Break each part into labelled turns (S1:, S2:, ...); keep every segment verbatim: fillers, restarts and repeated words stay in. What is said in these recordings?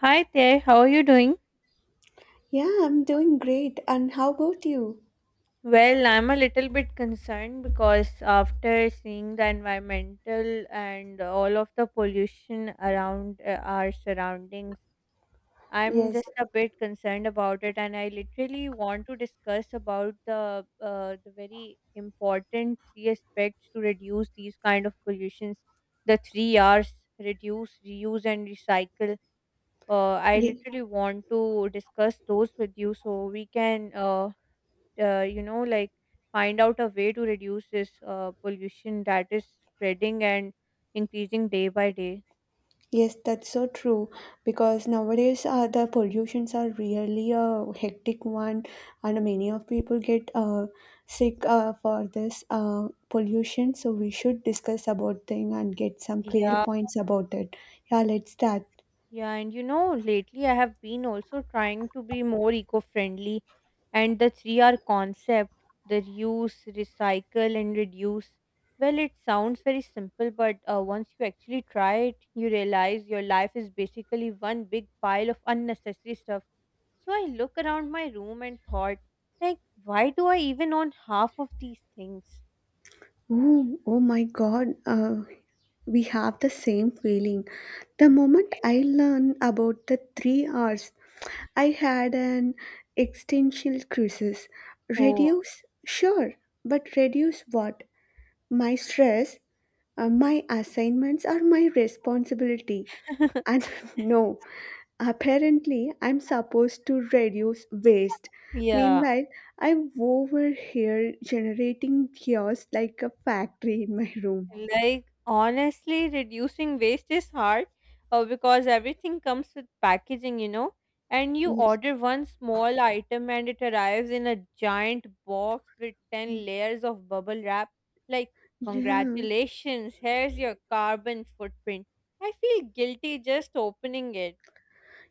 S1: Hi there, how are you doing?
S2: Yeah, I'm doing great. And how about you?
S1: Well, I'm a little bit concerned because after seeing the environmental and all of the pollution around uh, our surroundings, I'm
S2: Yes,
S1: just a bit concerned about it, and I literally want to discuss about the uh, the very important three aspects to reduce these kind of pollutions. The three R's: reduce, reuse, and recycle. Uh, I
S2: ye-
S1: literally want to discuss those with you so we can uh, uh, you know like find out a way to reduce this uh, pollution that is spreading and increasing day by day.
S2: yes, that's so true. Because nowadays, uh, the pollutions are really a hectic one, and many of people get uh, sick uh, for this uh, pollution. So we should discuss about thing and get some clear
S1: Yeah.
S2: points about it. Yeah, let's start.
S1: Yeah, and you know, lately I have been also trying to be more eco-friendly and the three R concept, the reuse, recycle and reduce. Well, it sounds very simple, but uh, once you actually try it, you realize your life is basically one big pile of unnecessary stuff. So I look around my room and thought, like, why do I even own half of these things?
S2: Oh, oh my God. Uh, We have the same feeling. The moment I learned about the three R's, I had an existential crisis.
S1: Oh,
S2: Reduce? Sure, but reduce what? My stress, uh, my assignments, or my responsibility? And no, apparently I'm supposed to reduce waste.
S1: yeah.
S2: Meanwhile, I'm over here generating chaos like a factory in my room.
S1: Like, honestly, reducing waste is hard uh, because everything comes with packaging, you know. And you
S2: Yes.
S1: order one small item and it arrives in a giant box with ten layers of bubble wrap. Like,
S2: Yeah.
S1: congratulations, here's your carbon footprint. I feel guilty just opening it.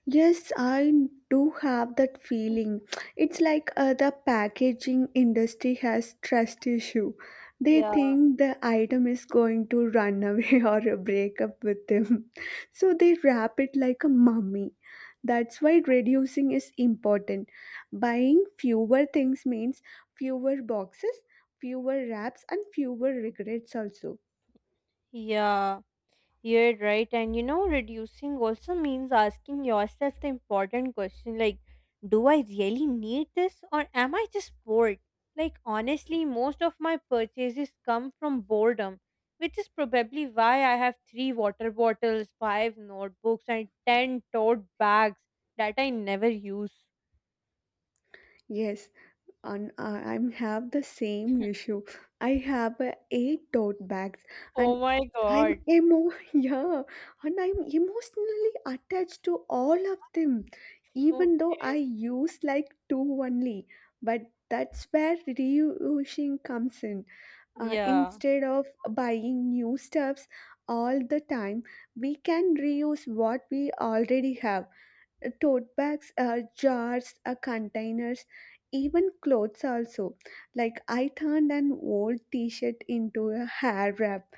S2: Yes, I do have that feeling. It's like uh, the packaging industry has trust issue. They
S1: Yeah.
S2: think the item is going to run away or break up with them. So they wrap it like a mummy. That's why reducing is important. Buying fewer things means fewer boxes, fewer wraps and fewer regrets also.
S1: Yeah. You're right. And you know, reducing also means asking yourself the important question like, do I really need this or am I just bored? Like, honestly, most of my purchases come from boredom, which is probably why I have three water bottles, five notebooks, and ten tote bags that I never use.
S2: Yes, and uh, I have the same issue. I have uh, eight tote bags, and
S1: Oh my
S2: I'm
S1: god.
S2: emo yeah, and I'm emotionally attached to all of them, even though
S1: Okay.
S2: I use like two only. But that's where reusing comes in. Uh,
S1: Yeah.
S2: instead of buying new stuffs all the time, we can reuse what we already have, tote bags, uh, jars, uh, containers, even clothes also, like I turned an old t-shirt into a hair wrap.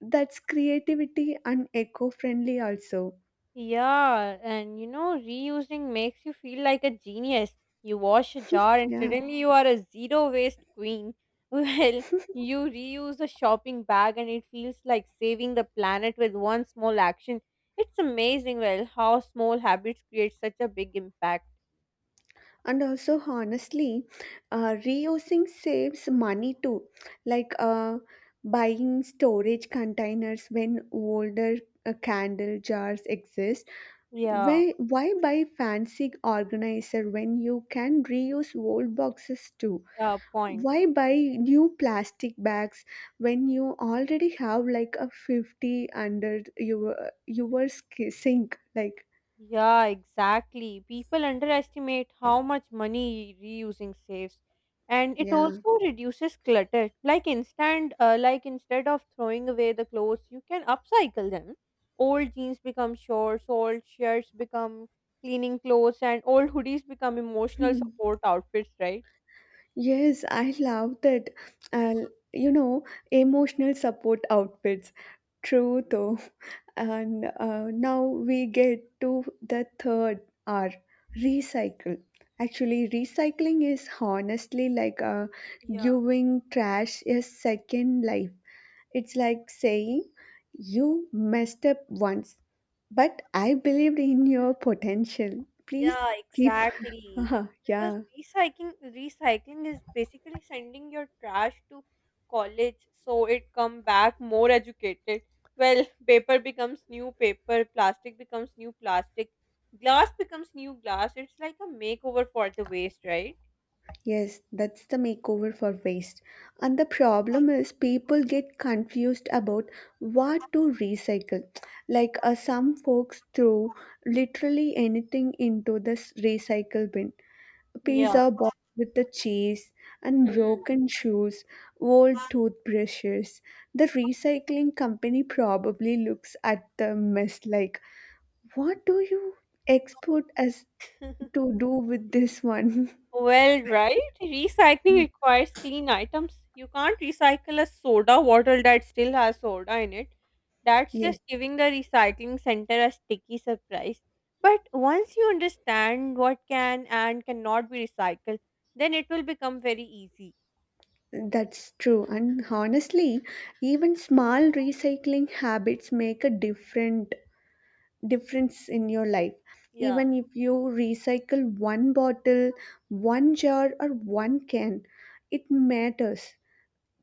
S2: That's creativity and eco-friendly also.
S1: Yeah, and you know, reusing makes you feel like a genius. You wash a jar and
S2: Yeah.
S1: suddenly you are a zero waste queen. Well, you reuse a shopping bag and it feels like saving the planet with one small action. It's amazing, well, how small habits create such a big impact.
S2: And also honestly, uh, reusing saves money too, like uh, buying storage containers when older, uh, candle jars exist.
S1: Yeah,
S2: Why, why buy fancy organizer when you can reuse old boxes too?
S1: yeah, point.
S2: Why buy new plastic bags when you already have like a fifty under your your sk- sink, like,
S1: Yeah, exactly. People underestimate how much money reusing saves. And it
S2: yeah.
S1: also reduces clutter. Like instant uh, like Instead of throwing away the clothes, you can upcycle them. Old jeans become shorts, old shirts become cleaning clothes, and old hoodies become emotional
S2: Mhm.
S1: support outfits, right?
S2: Yes, I love that. Uh, you know, emotional support outfits. True though. And uh, now we get to the third R, recycle. Actually recycling is honestly like, uh,
S1: Yeah.
S2: giving trash a second life. It's like saying, you messed up once but I believed in your potential. Please
S1: Yeah,
S2: keep.
S1: exactly. Because
S2: Yeah.
S1: recycling recycling is basically sending your trash to college so it come back more educated. Well, paper becomes new paper, plastic becomes new plastic, glass becomes new glass. It's like a makeover for the waste, right?
S2: Yes, that's the makeover for waste. And the problem is people get confused about what to recycle. Like, uh, some folks throw literally anything into this recycle bin.
S1: Yeah.
S2: Pizza box with the cheese and
S1: Hmm.
S2: broken shoes, old toothbrushes. The recycling company probably looks at the mess like, what do you export us to do with this one?
S1: Well, right? Recycling
S2: Yeah.
S1: requires clean items. You can't recycle a soda bottle that still has soda in it. That's
S2: Yes.
S1: just giving the recycling center a sticky surprise. But once you understand what can and cannot be recycled, then it will become very easy.
S2: That's true. And honestly, even small recycling habits make a different difference in your life.
S1: Yeah.
S2: Even if you recycle one bottle, one jar, or one can, it matters.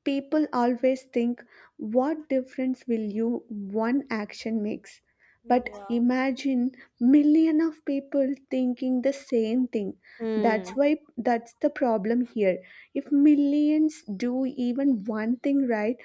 S2: People always think, what difference will you one action makes? But
S1: Yeah.
S2: imagine million of people thinking the same thing. That's
S1: Hmm.
S2: why that's the problem here. If millions do even one thing right,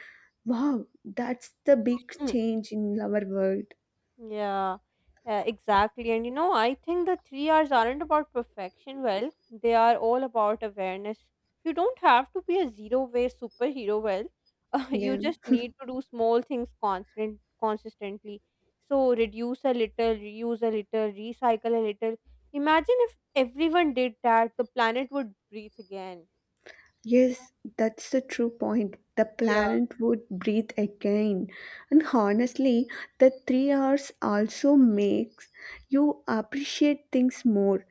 S2: wow, that's the big change in our world.
S1: Yeah, uh, exactly. And you know, I think the three R's aren't about perfection. Well, they are all about awareness. You don't have to be a zero waste superhero. Well, uh, you
S2: Yeah.
S1: just need to do small things constant consistently. So reduce a little, reuse a little, recycle a little. Imagine if everyone did that, the planet would breathe again.
S2: Yes, that's the true point. The
S1: Yeah,
S2: planet would breathe again. And honestly, the three hours also makes you appreciate things more.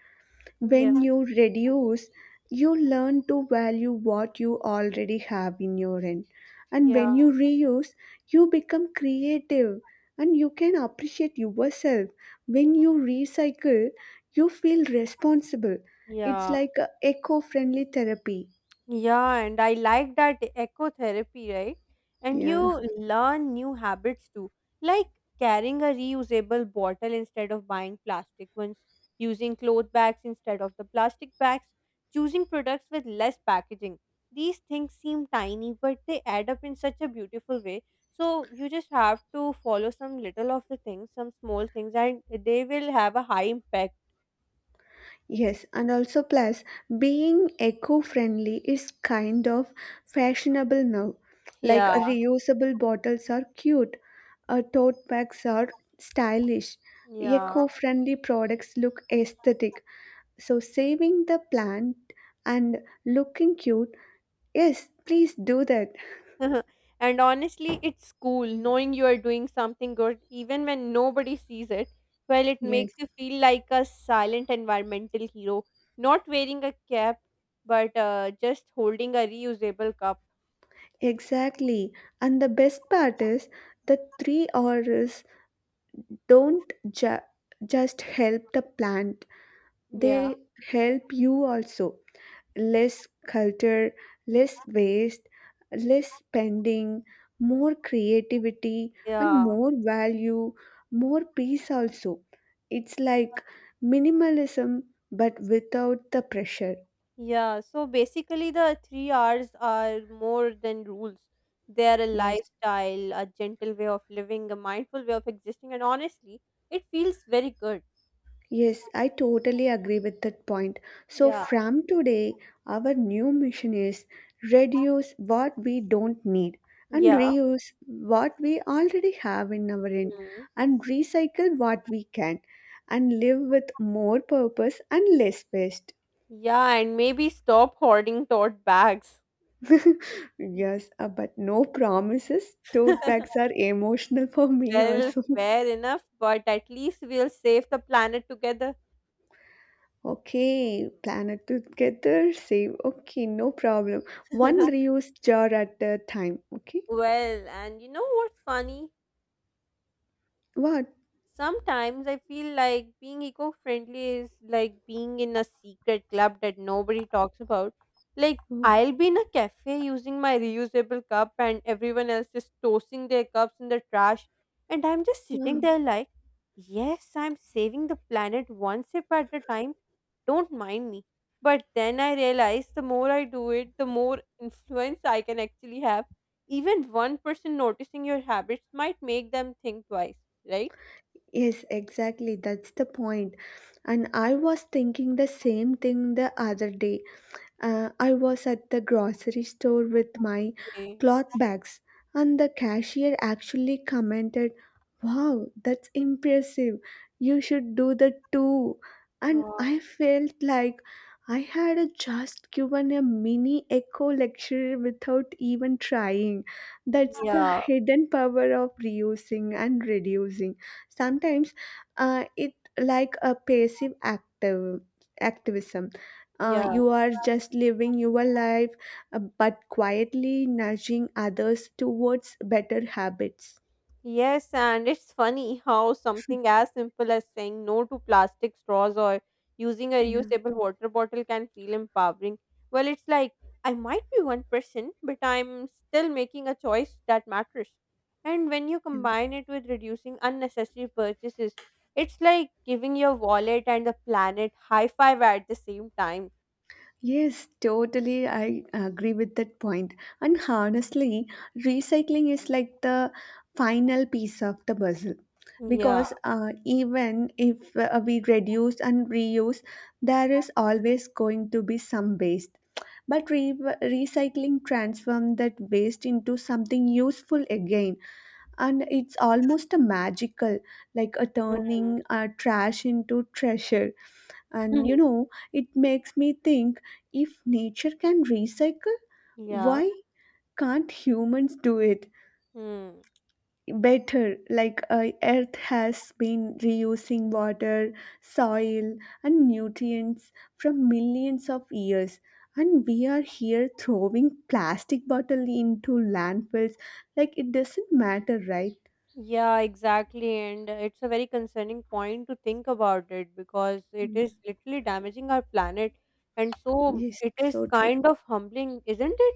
S1: yeah,
S2: When you reduce, you learn to value what you already have in your end. And when
S1: yeah,
S2: you reuse, you become creative and you can appreciate yourself. When you recycle, you feel responsible. It's
S1: yeah.
S2: like eco friendly therapy.
S1: Yeah, and I like that eco therapy, right? And
S2: Yeah.
S1: you learn new habits too, like carrying a reusable bottle instead of buying plastic ones, using cloth bags instead of the plastic bags, choosing products with less packaging. These things seem tiny, but they add up in such a beautiful way. So you just have to follow some little of the things, some small things, and they will have a high impact.
S2: Yes, and also plus being eco-friendly is kind of fashionable now. Like,
S1: Yeah,
S2: uh, reusable bottles are cute, uh, tote bags are stylish,
S1: yeah.
S2: eco-friendly products look aesthetic. So saving the plant and looking cute, yes, please do that.
S1: And honestly, it's cool knowing you are doing something good even when nobody sees it. Well, it
S2: Yes,
S1: makes you feel like a silent environmental hero, not wearing a cap, but uh, just holding a reusable cup.
S2: exactly. And the best part is the three R's don't ju- just help the plant,
S1: Yeah,
S2: they help you also, less culture, less waste, less spending, more creativity, and
S1: yeah,
S2: more value, more peace also. It's like minimalism but without the pressure.
S1: yeah. So basically, the three R's are more than rules. They are a
S2: Yes.
S1: lifestyle, a gentle way of living, a mindful way of existing, and honestly, it feels very good.
S2: Yes, I totally agree with that point. So,
S1: Yeah,
S2: from today, our new mission is reduce what we don't need and
S1: yeah.
S2: reuse what we already have in our end and recycle what we can and live with more purpose and less waste.
S1: Yeah, and maybe stop hoarding tote bags.
S2: Yes, uh, but no promises. Tote bags are emotional for me
S1: Well,
S2: also.
S1: fair enough, but at least we'll save the planet together.
S2: Okay, plan it together, save. Okay, no problem. One reused jar at a time. Okay,
S1: Well, and you know what's funny?
S2: what?
S1: Sometimes I feel like being eco friendly is like being in a secret club that nobody talks about. Like,
S2: Oh,
S1: I'll be in a cafe using my reusable cup, and everyone else is tossing their cups in the trash. And I'm just
S2: yeah.
S1: sitting there like, yes, I'm saving the planet one sip at a time. Don't mind me. But then I realize the more I do it, the more influence I can actually have. Even one person noticing your habits might make them think twice, right?
S2: Yes, exactly. That's the point. And I was thinking the same thing the other day. Uh, I was at the grocery store with my
S1: Okay.
S2: cloth bags, and the cashier actually commented, wow, that's impressive. You should do that too. And
S1: Wow.
S2: I felt like I had just given a mini echo lecture without even trying. That's the
S1: Yeah.
S2: hidden power of reusing and reducing. Sometimes, uh, it like a passive active activism, uh,
S1: Yeah.
S2: you are just living your life, uh, but quietly nudging others towards better habits.
S1: Yes, and it's funny how something as simple as saying no to plastic straws or using a
S2: Yeah.
S1: reusable water bottle can feel empowering. Well, it's like I might be one person, but I'm still making a choice that matters. And when you
S2: Yeah.
S1: combine it with reducing unnecessary purchases, it's like giving your wallet and the planet high five at the same time.
S2: Yes, totally. I agree with that point. And honestly, recycling is like the final piece of the puzzle
S1: Yeah.
S2: because uh, even if uh, we reduce and reuse, there is always going to be some waste. But re- recycling transforms that waste into something useful again, and it's almost a magical, like a
S1: Mhm.
S2: turning uh, trash into treasure. And you know it makes me think, if nature can recycle,
S1: Yeah.
S2: why can't humans do it
S1: Hmm.
S2: better? Like, uh, earth has been reusing water, soil, and nutrients from millions of years, and we are here throwing plastic bottle into landfills, like it doesn't matter, right?
S1: Yeah, exactly. And uh, it's a very concerning point to think about it because it is literally damaging our planet. And so
S2: Yes,
S1: it is
S2: so true.
S1: kind of humbling, isn't it?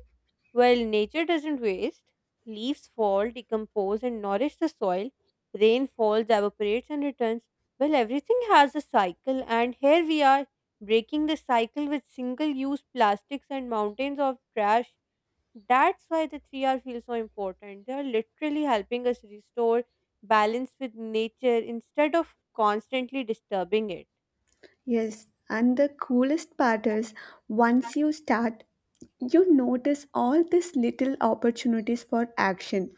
S1: Well, nature doesn't waste. Leaves fall, decompose, and nourish the soil. Rain falls, evaporates, and returns. Well, everything has a cycle, and here we are breaking the cycle with single use plastics and mountains of trash. That's why the three R feels so important. They are literally helping us restore balance with nature instead of constantly disturbing it.
S2: Yes, and the coolest part is once you start, you notice all these little opportunities for action.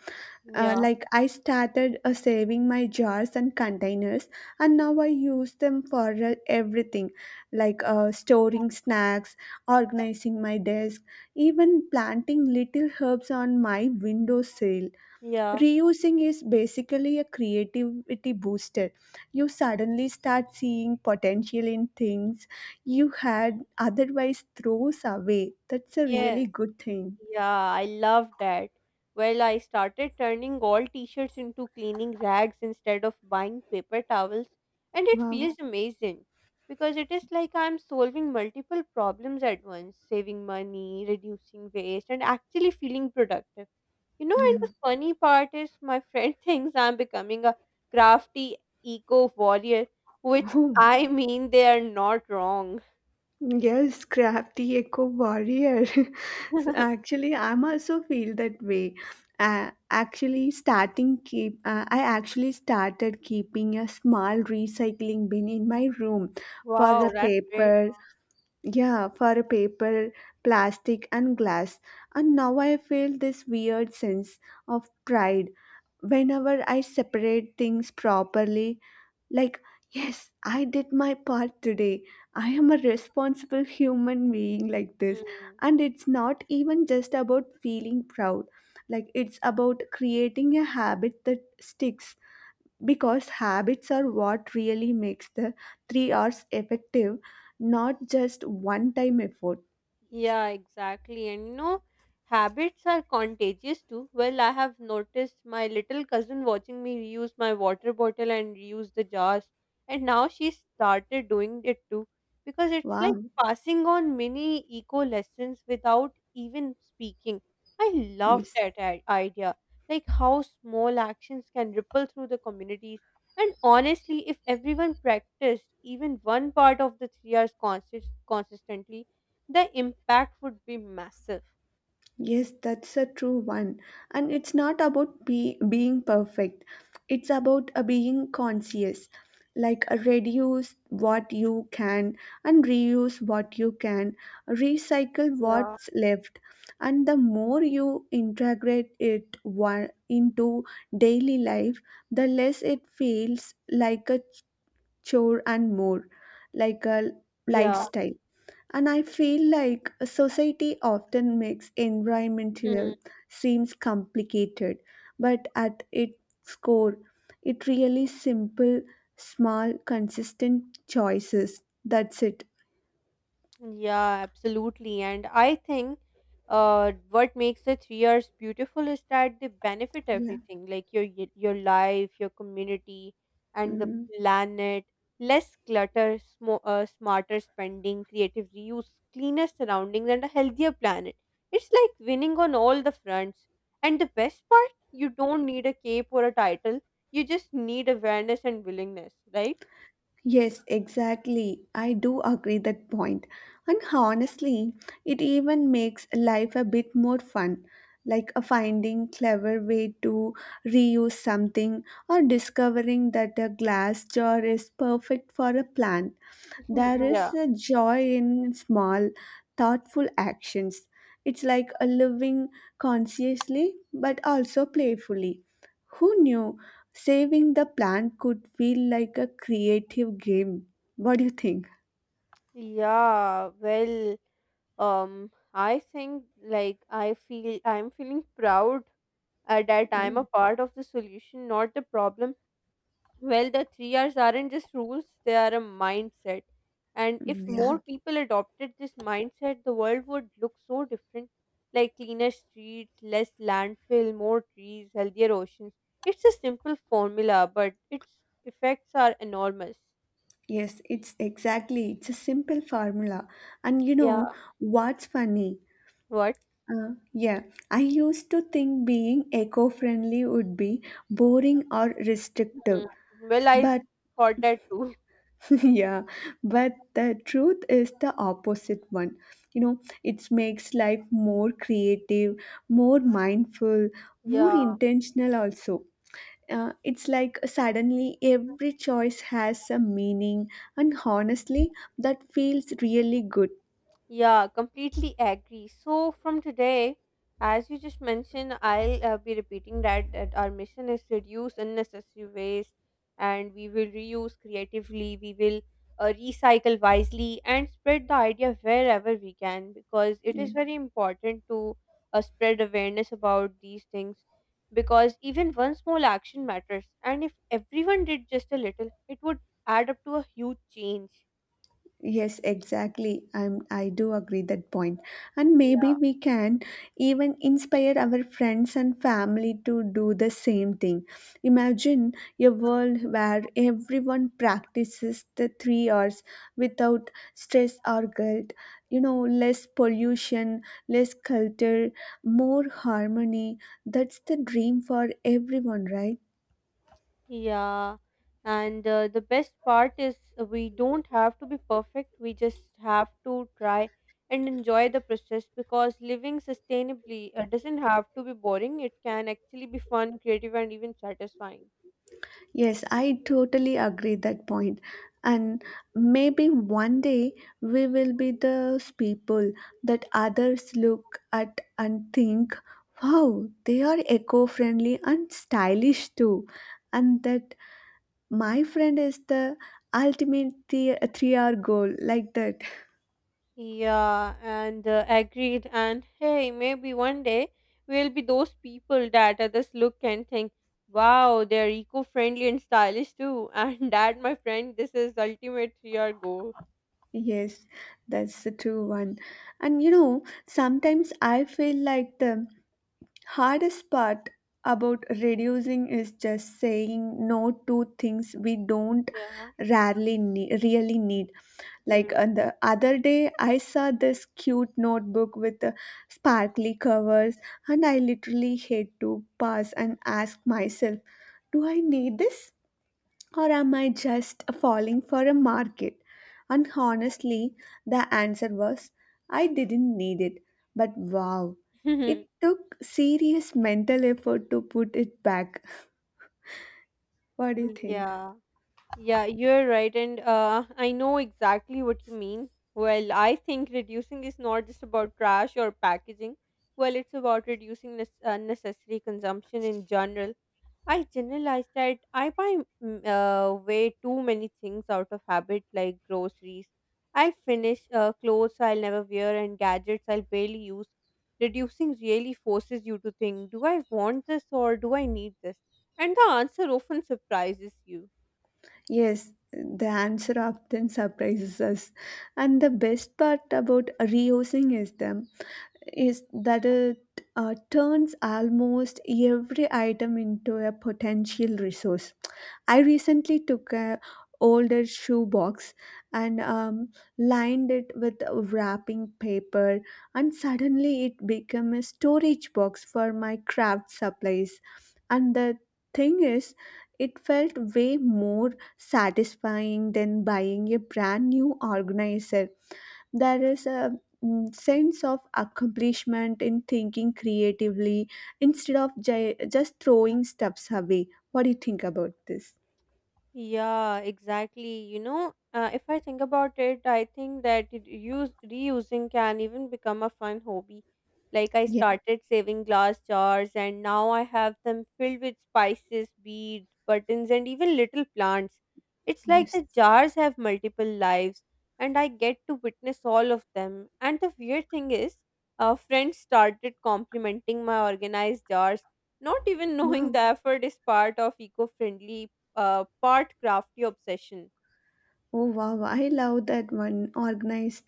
S2: Uh,
S1: Yeah,
S2: like, I started uh, saving my jars and containers, and now I use them for uh, everything, like uh, storing snacks, organizing my desk, even planting little herbs on my windowsill.
S1: yeah.
S2: Reusing is basically a creativity booster. You suddenly start seeing potential in things you had otherwise throws away. That's a
S1: Yes,
S2: really good thing.
S1: yeah, I love that. Well, I started turning all t shirts into cleaning rags instead of buying paper towels, and it
S2: Wow.
S1: feels amazing because it is like I'm solving multiple problems at once saving money, reducing waste, and actually feeling productive. You know,
S2: Yeah.
S1: and the funny part is my friend thinks I'm becoming a crafty eco warrior, which
S2: Oh,
S1: I mean they are not wrong.
S2: yes, crafty eco warrior. So actually, I'm also feel that way. Uh, actually, starting keep. Uh, I actually started keeping a small recycling bin in my room for
S1: Wow,
S2: the
S1: that's great.
S2: paper. Yeah, for paper, plastic, and glass. And now I feel this weird sense of pride whenever I separate things properly. Like, yes, I did my part today. I am a responsible human being like this.
S1: Hmm.
S2: And it's not even just about feeling proud, like, it's about creating a habit that sticks because habits are what really makes the three Rs effective, not just one time effort.
S1: Yeah, exactly. And you know, habits are contagious too. Well, I have noticed my little cousin watching me use my water bottle and use the jars, and now she started doing it too because it's
S2: Wow.
S1: like passing on mini eco lessons without even speaking. I love
S2: Yes.
S1: that i- idea, like how small actions can ripple through the communities. And honestly, if everyone practiced even one part of the three hours consist- consistently, the impact would be massive.
S2: Yes, that's a true one. And it's not about be- being perfect, it's about uh, being conscious. Like, uh, reduce what you can and reuse what you can, recycle
S1: Yeah.
S2: what's left. And the more you integrate it one, into daily life, the less it feels like a chore and more like a
S1: Yeah.
S2: lifestyle. And I feel like a society often makes environmental
S1: Hmm.
S2: seems complicated, but at its core, it really simple, small, consistent choices. That's it.
S1: Yeah, absolutely. And I think uh, what makes the three R's beautiful is that they benefit
S2: Yeah.
S1: everything, like your y- your life, your community, and the
S2: Mhm.
S1: planet. Less clutter, sm- uh, smarter spending, creative reuse, cleaner surroundings, and a healthier planet. It's like winning on all the fronts. And the best part, you don't need a cape or a title. You just need awareness and willingness, right?
S2: Yes, exactly. I do agree that point. And honestly, it even makes life a bit more fun, like a finding clever way to reuse something or discovering that a glass jar is perfect for a plant. There is
S1: Yeah.
S2: a joy in small, thoughtful actions. It's like a living consciously but also playfully. Who knew saving the plant could feel like a creative game? What do you think?
S1: Yeah. Well. um I think like i feel I'm feeling proud uh, that I'm
S2: Oh.
S1: a part of the solution, not the problem. Well, the three r's aren't just rules, they are a mindset, and if
S2: Mm,
S1: more
S2: yeah,
S1: people adopted this mindset the world would look so different, like cleaner streets, less landfill, more trees, healthier oceans. It's a simple formula, but its effects are enormous.
S2: yes, it's exactly. It's a simple formula. And you
S1: Yeah.
S2: know what's funny?
S1: What?
S2: Uh, yeah, I used to think being eco-friendly would be boring or
S1: Hmm.
S2: restrictive.
S1: Well, I
S2: But
S1: thought that too.
S2: yeah, but the truth is the opposite one. You know it makes life more creative, more mindful, more
S1: Yeah.
S2: intentional also. Uh, it's like suddenly every choice has a meaning, and honestly that feels really good.
S1: Yeah, completely agree. So from today, as you just mentioned, I'll uh, be repeating that that our mission is reduce unnecessary waste, and we will reuse creatively. We will uh, recycle wisely and spread the idea wherever we can because it
S2: Yeah.
S1: is very important to uh, spread awareness about these things because even one small action matters, and if everyone did just a little, it would add up to a huge change.
S2: Yes, exactly. I'm, I do agree that point. And maybe we can even inspire our friends and family to do the same thing. Imagine a world where everyone practices the three R's without stress or guilt. You know, less pollution, less culture, more harmony. That's the dream for everyone, right?
S1: Yeah, and uh, the best part is uh, we don't have to be perfect. We just have to try and enjoy the process because living sustainably uh, doesn't have to be boring. It can actually be fun, creative, and even satisfying.
S2: Yes, I totally agree that point. And maybe one day we will be those people that others look at and think, wow, they are eco friendly and stylish too. And that my friend is the ultimate the- three hour goal, like that.
S1: Yeah, and uh, agreed. And hey, maybe one day we'll be those people that others look and think, wow, they're eco-friendly and stylish too. And that, my friend, this is ultimate your goal.
S2: Yes, that's the true one. And you know, sometimes I feel like the hardest part about reducing is just saying no to things we don't
S1: Yeah.
S2: rarely need, really need, like on the other day I saw this cute notebook with uh, sparkly covers, and I literally had to pause and ask myself, do I need this or am I just falling for a market? And honestly, the answer was I didn't need it, but wow,
S1: Hmm.
S2: it took serious mental effort to put it back. What do you think?
S1: Yeah, yeah, you're right. And uh, I know exactly what you mean. Well, I think reducing is not just about trash or packaging. Well, it's about reducing nes- unnecessary consumption in general. I generalized that I buy mm, uh, way too many things out of habit, like groceries. I'll finish uh, clothes I'll never wear and gadgets I'll barely use. Reducing really forces you to think, do I want this or do I need this? And the answer often surprises you.
S2: Yes, the answer often surprises us. And the best part about reusing is them is that it uh, turns almost every item into a potential resource. I recently took a older shoebox and um, lined it with wrapping paper, and suddenly it became a storage box for my craft supplies. And the thing is, it felt way more satisfying than buying a brand new organizer. There is a mm, sense of accomplishment in thinking creatively instead of j- just throwing stuffs away. What do you think about this?
S1: Yeah, exactly. You know, uh, if I think about it, I think that it use reusing can even become a fun hobby. Like I
S2: Yes,
S1: started saving glass jars and now I have them filled with spices, beads, buttons, and even little plants. It's like
S2: yes.
S1: the jars have multiple lives and I get to witness all of them. And the weird thing is, uh, friends started complimenting my organized jars not even knowing
S2: Wow.
S1: the effort is part of eco-friendly uh, part crafty obsession.
S2: Oh wow, wow. I love that one organized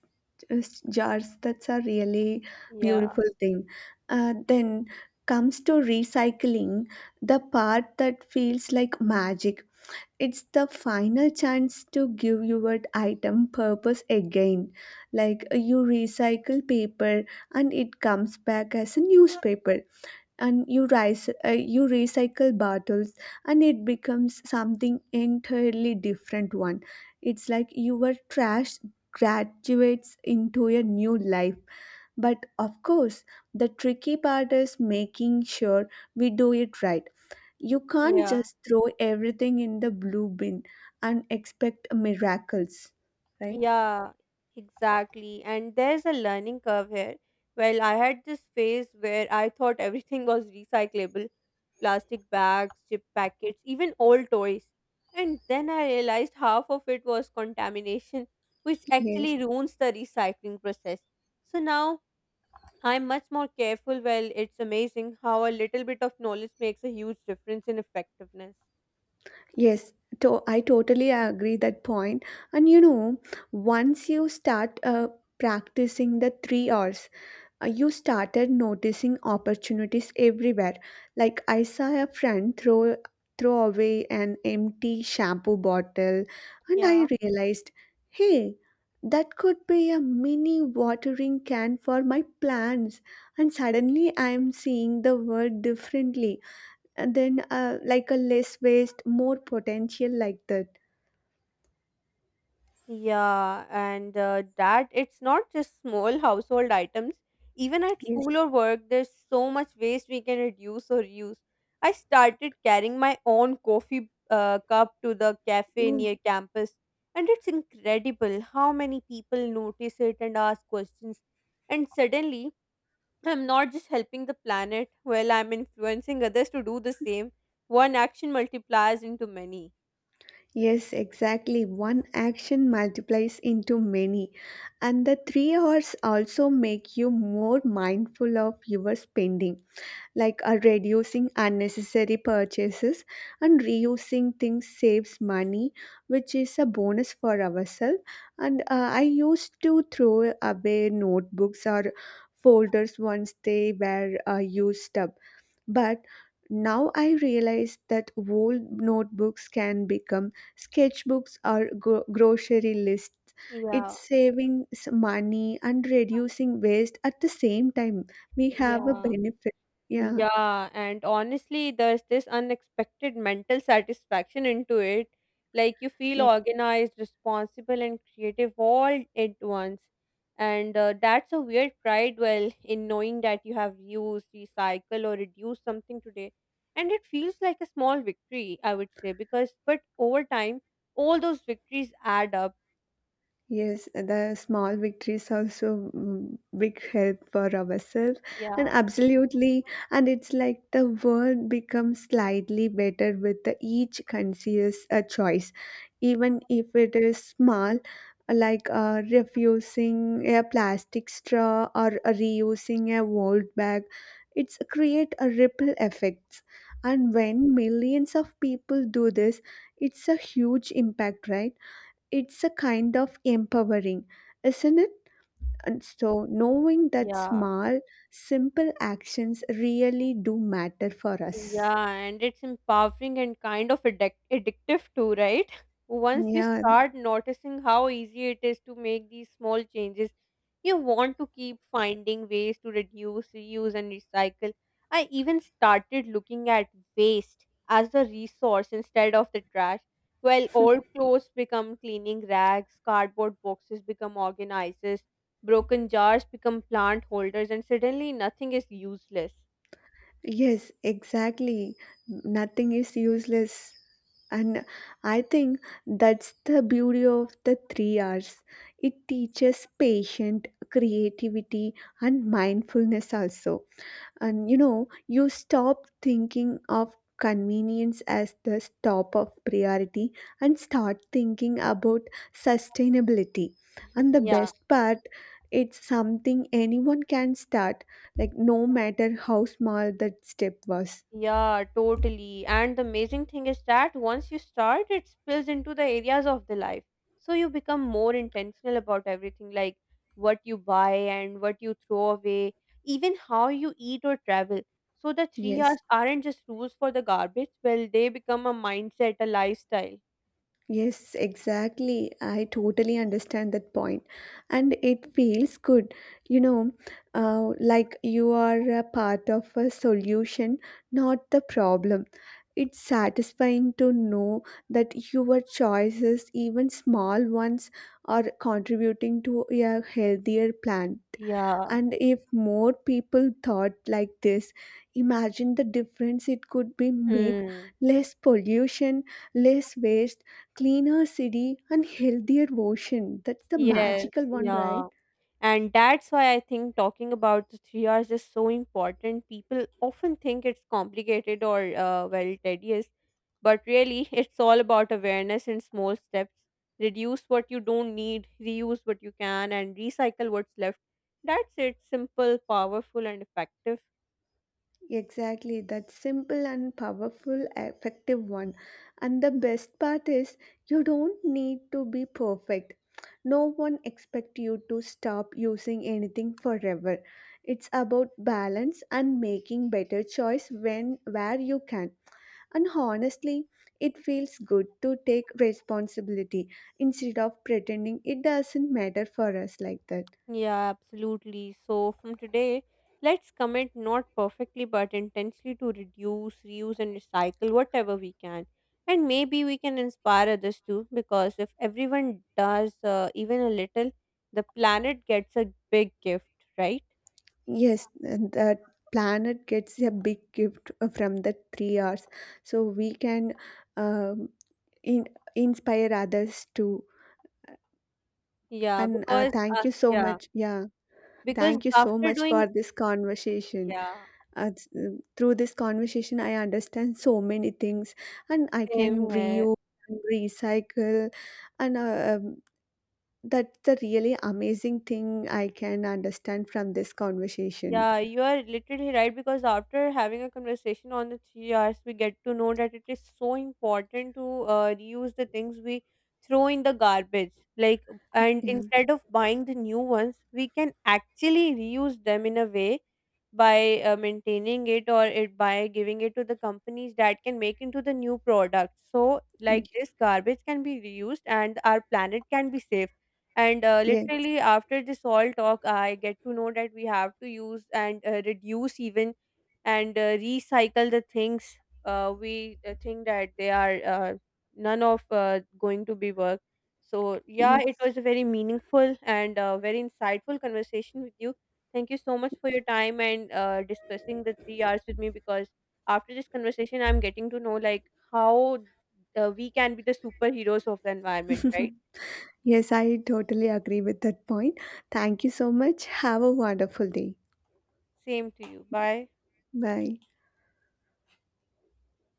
S2: uh, jars. That's a really
S1: Yeah,
S2: beautiful thing. Uh, then comes to recycling, the part that feels like magic. It's the final chance to give your item purpose again. Like uh, you recycle paper and it comes back as a newspaper, and you rice, uh, you recycle bottles and it becomes something entirely different one. It's like your trash graduates into a new life. But of course, the tricky part is making sure we do it right. You can't
S1: yeah,
S2: just throw everything in the blue bin and expect miracles, right?
S1: yeah, exactly. And there's a learning curve here. Well, I had this phase where I thought everything was recyclable plastic bags, chip packets, even old toys. And then I realized half of it was contamination, which
S2: Yes.
S1: actually ruins the recycling process. So now I'm much more careful. Well, it's amazing how a little bit of knowledge makes a huge difference in effectiveness.
S2: Yes, to- I totally agree that point. And you know, once you start uh, practicing the three R's, uh, you started noticing opportunities everywhere. Like I saw a friend throw throw away an empty shampoo bottle, and I
S1: Yeah.
S2: realized, hey, that could be a mini watering can for my plants. And suddenly, I am seeing the world differently. And then, uh, like a less waste, more potential, like that.
S1: Yeah, and uh, that it's not just small household items. Even at
S2: Yes.
S1: school or work, there's so much waste we can reduce or use. I started carrying my own coffee uh, cup to the cafe near campus, and it's incredible how many people notice it and ask questions. And suddenly, I'm not just helping the planet, well, I'm influencing others to do the same. One action multiplies into many.
S2: Yes, exactly. One action multiplies into many. And the three hours also make you more mindful of your spending, like uh, reducing unnecessary purchases and reusing things saves money, which is a bonus for ourselves. And uh, I used to throw away notebooks or folders once they were uh, used up, but now I realize that old notebooks can become sketchbooks or gro- grocery lists. It's
S1: Yeah,
S2: saving s- money and reducing waste at the same time. We have a
S1: yeah.
S2: benefit. Yeah.
S1: Yeah, and honestly, there's this unexpected mental satisfaction into it. Like you feel
S2: Yeah.
S1: organized, responsible, and creative all at once. And uh, that's a weird pride, well, in knowing that you have used, recycle, or reduce something today. And it feels like a small victory, I would say, because, but over time, all those victories add up.
S2: Yes, the small victories also mm, big help for ourselves, and
S1: Yeah,
S2: absolutely, and it's like the world becomes slightly better with the each conscious uh, choice, even if it is small, like uh, refusing a plastic straw or uh, reusing a old bag. It's create a ripple effects, and when millions of people do this, it's a huge impact, right? It's a kind of empowering, isn't it? And so, knowing that
S1: yeah.
S2: small, simple actions really do matter for us.
S1: Yeah, and it's empowering and kind of addic- addictive too, right? Once you
S2: Yeah,
S1: start noticing how easy it is to make these small changes, you want to keep finding ways to reduce, reuse, and recycle. I even started looking at waste as a resource instead of the trash. Well, old clothes become cleaning rags, cardboard boxes become organizers, broken jars become plant holders, and suddenly nothing is useless.
S2: yes, exactly. Nothing is useless. And I think that's the beauty of the three R's. It teaches patience, creativity, and mindfulness also. And you know, you stop thinking of convenience as the top of priority and start thinking about sustainability. And the
S1: Yeah.
S2: best part, it's something anyone can start, like no matter how small that step was.
S1: Yeah, totally. And the amazing thing is that once you start, it spills into the areas of the life. So you become more intentional about everything, like what you buy and what you throw away, even how you eat or travel. So the three
S2: Yes.
S1: Rs aren't just rules for the garbage, well, they become a mindset, a lifestyle.
S2: Yes, exactly. I totally understand that point. And it feels good, you know, uh, like you are a part of a solution, not the problem. It's satisfying to know that your choices, even small ones, are contributing to a healthier planet,
S1: Yeah.
S2: and if more people thought like this, imagine the difference it could be make.
S1: Mm.
S2: Less pollution, less waste, cleaner city and healthier ocean. That's the
S1: Yes.
S2: magical one, right?
S1: Yeah. And that's why I think talking about the three R's is so important. People often think it's complicated or, uh, well, tedious, but really it's all about awareness and small steps. Reduce what you don't need, reuse what you can, and recycle what's left. That's it. Simple, powerful, and effective.
S2: Exactly, that simple and powerful, effective one. And the best part is, you don't need to be perfect. No one expect you to stop using anything forever. It's about balance and making better choice when where you can. And honestly, it feels good to take responsibility instead of pretending it doesn't matter for us like that.
S1: Yeah, absolutely. So, from today, let's commit not perfectly but intensely to reduce, reuse, and recycle whatever we can. And maybe we can inspire others too, because if everyone does uh, even a little, the planet gets a big gift, right?
S2: Yes, and the planet gets a big gift uh, from the three hours, so we can um, in, inspire others too.
S1: Yeah,
S2: And uh,
S1: because
S2: thank
S1: uh,
S2: you so
S1: yeah,
S2: much. Yeah,
S1: because
S2: thank you so
S1: after
S2: much for
S1: doing
S2: this conversation.
S1: yeah,
S2: Uh, s- uh, through this conversation, I understand so many things, and I can
S1: same here.
S2: reuse and recycle, and uh, um, that's the really amazing thing I can understand from this conversation.
S1: Yeah, you are literally right because after having a conversation on the three hours, we get to know that it is so important to uh, reuse the things we throw in the garbage. Like, and
S2: Yeah.
S1: instead of buying the new ones, we can actually reuse them in a way by uh, maintaining it or it by giving it to the companies that can make into the new product. So, like this garbage can be reused and our planet can be saved and uh,
S2: Yes.
S1: literally after this all talk I get to know that we have to use and uh, reduce even and uh, recycle the things uh, we uh, think that they are uh, none of uh, going to be work. So yeah,
S2: Yes.
S1: it was a very meaningful and uh, very insightful conversation with you. Thank you so much for your time and uh, discussing the three hours with me, because after this conversation I'm getting to know like how uh, we can be the superheroes of the environment, right?
S2: Yes, I totally agree with that point. Thank you so much. Have a wonderful day.
S1: Same to you, bye.
S2: Bye.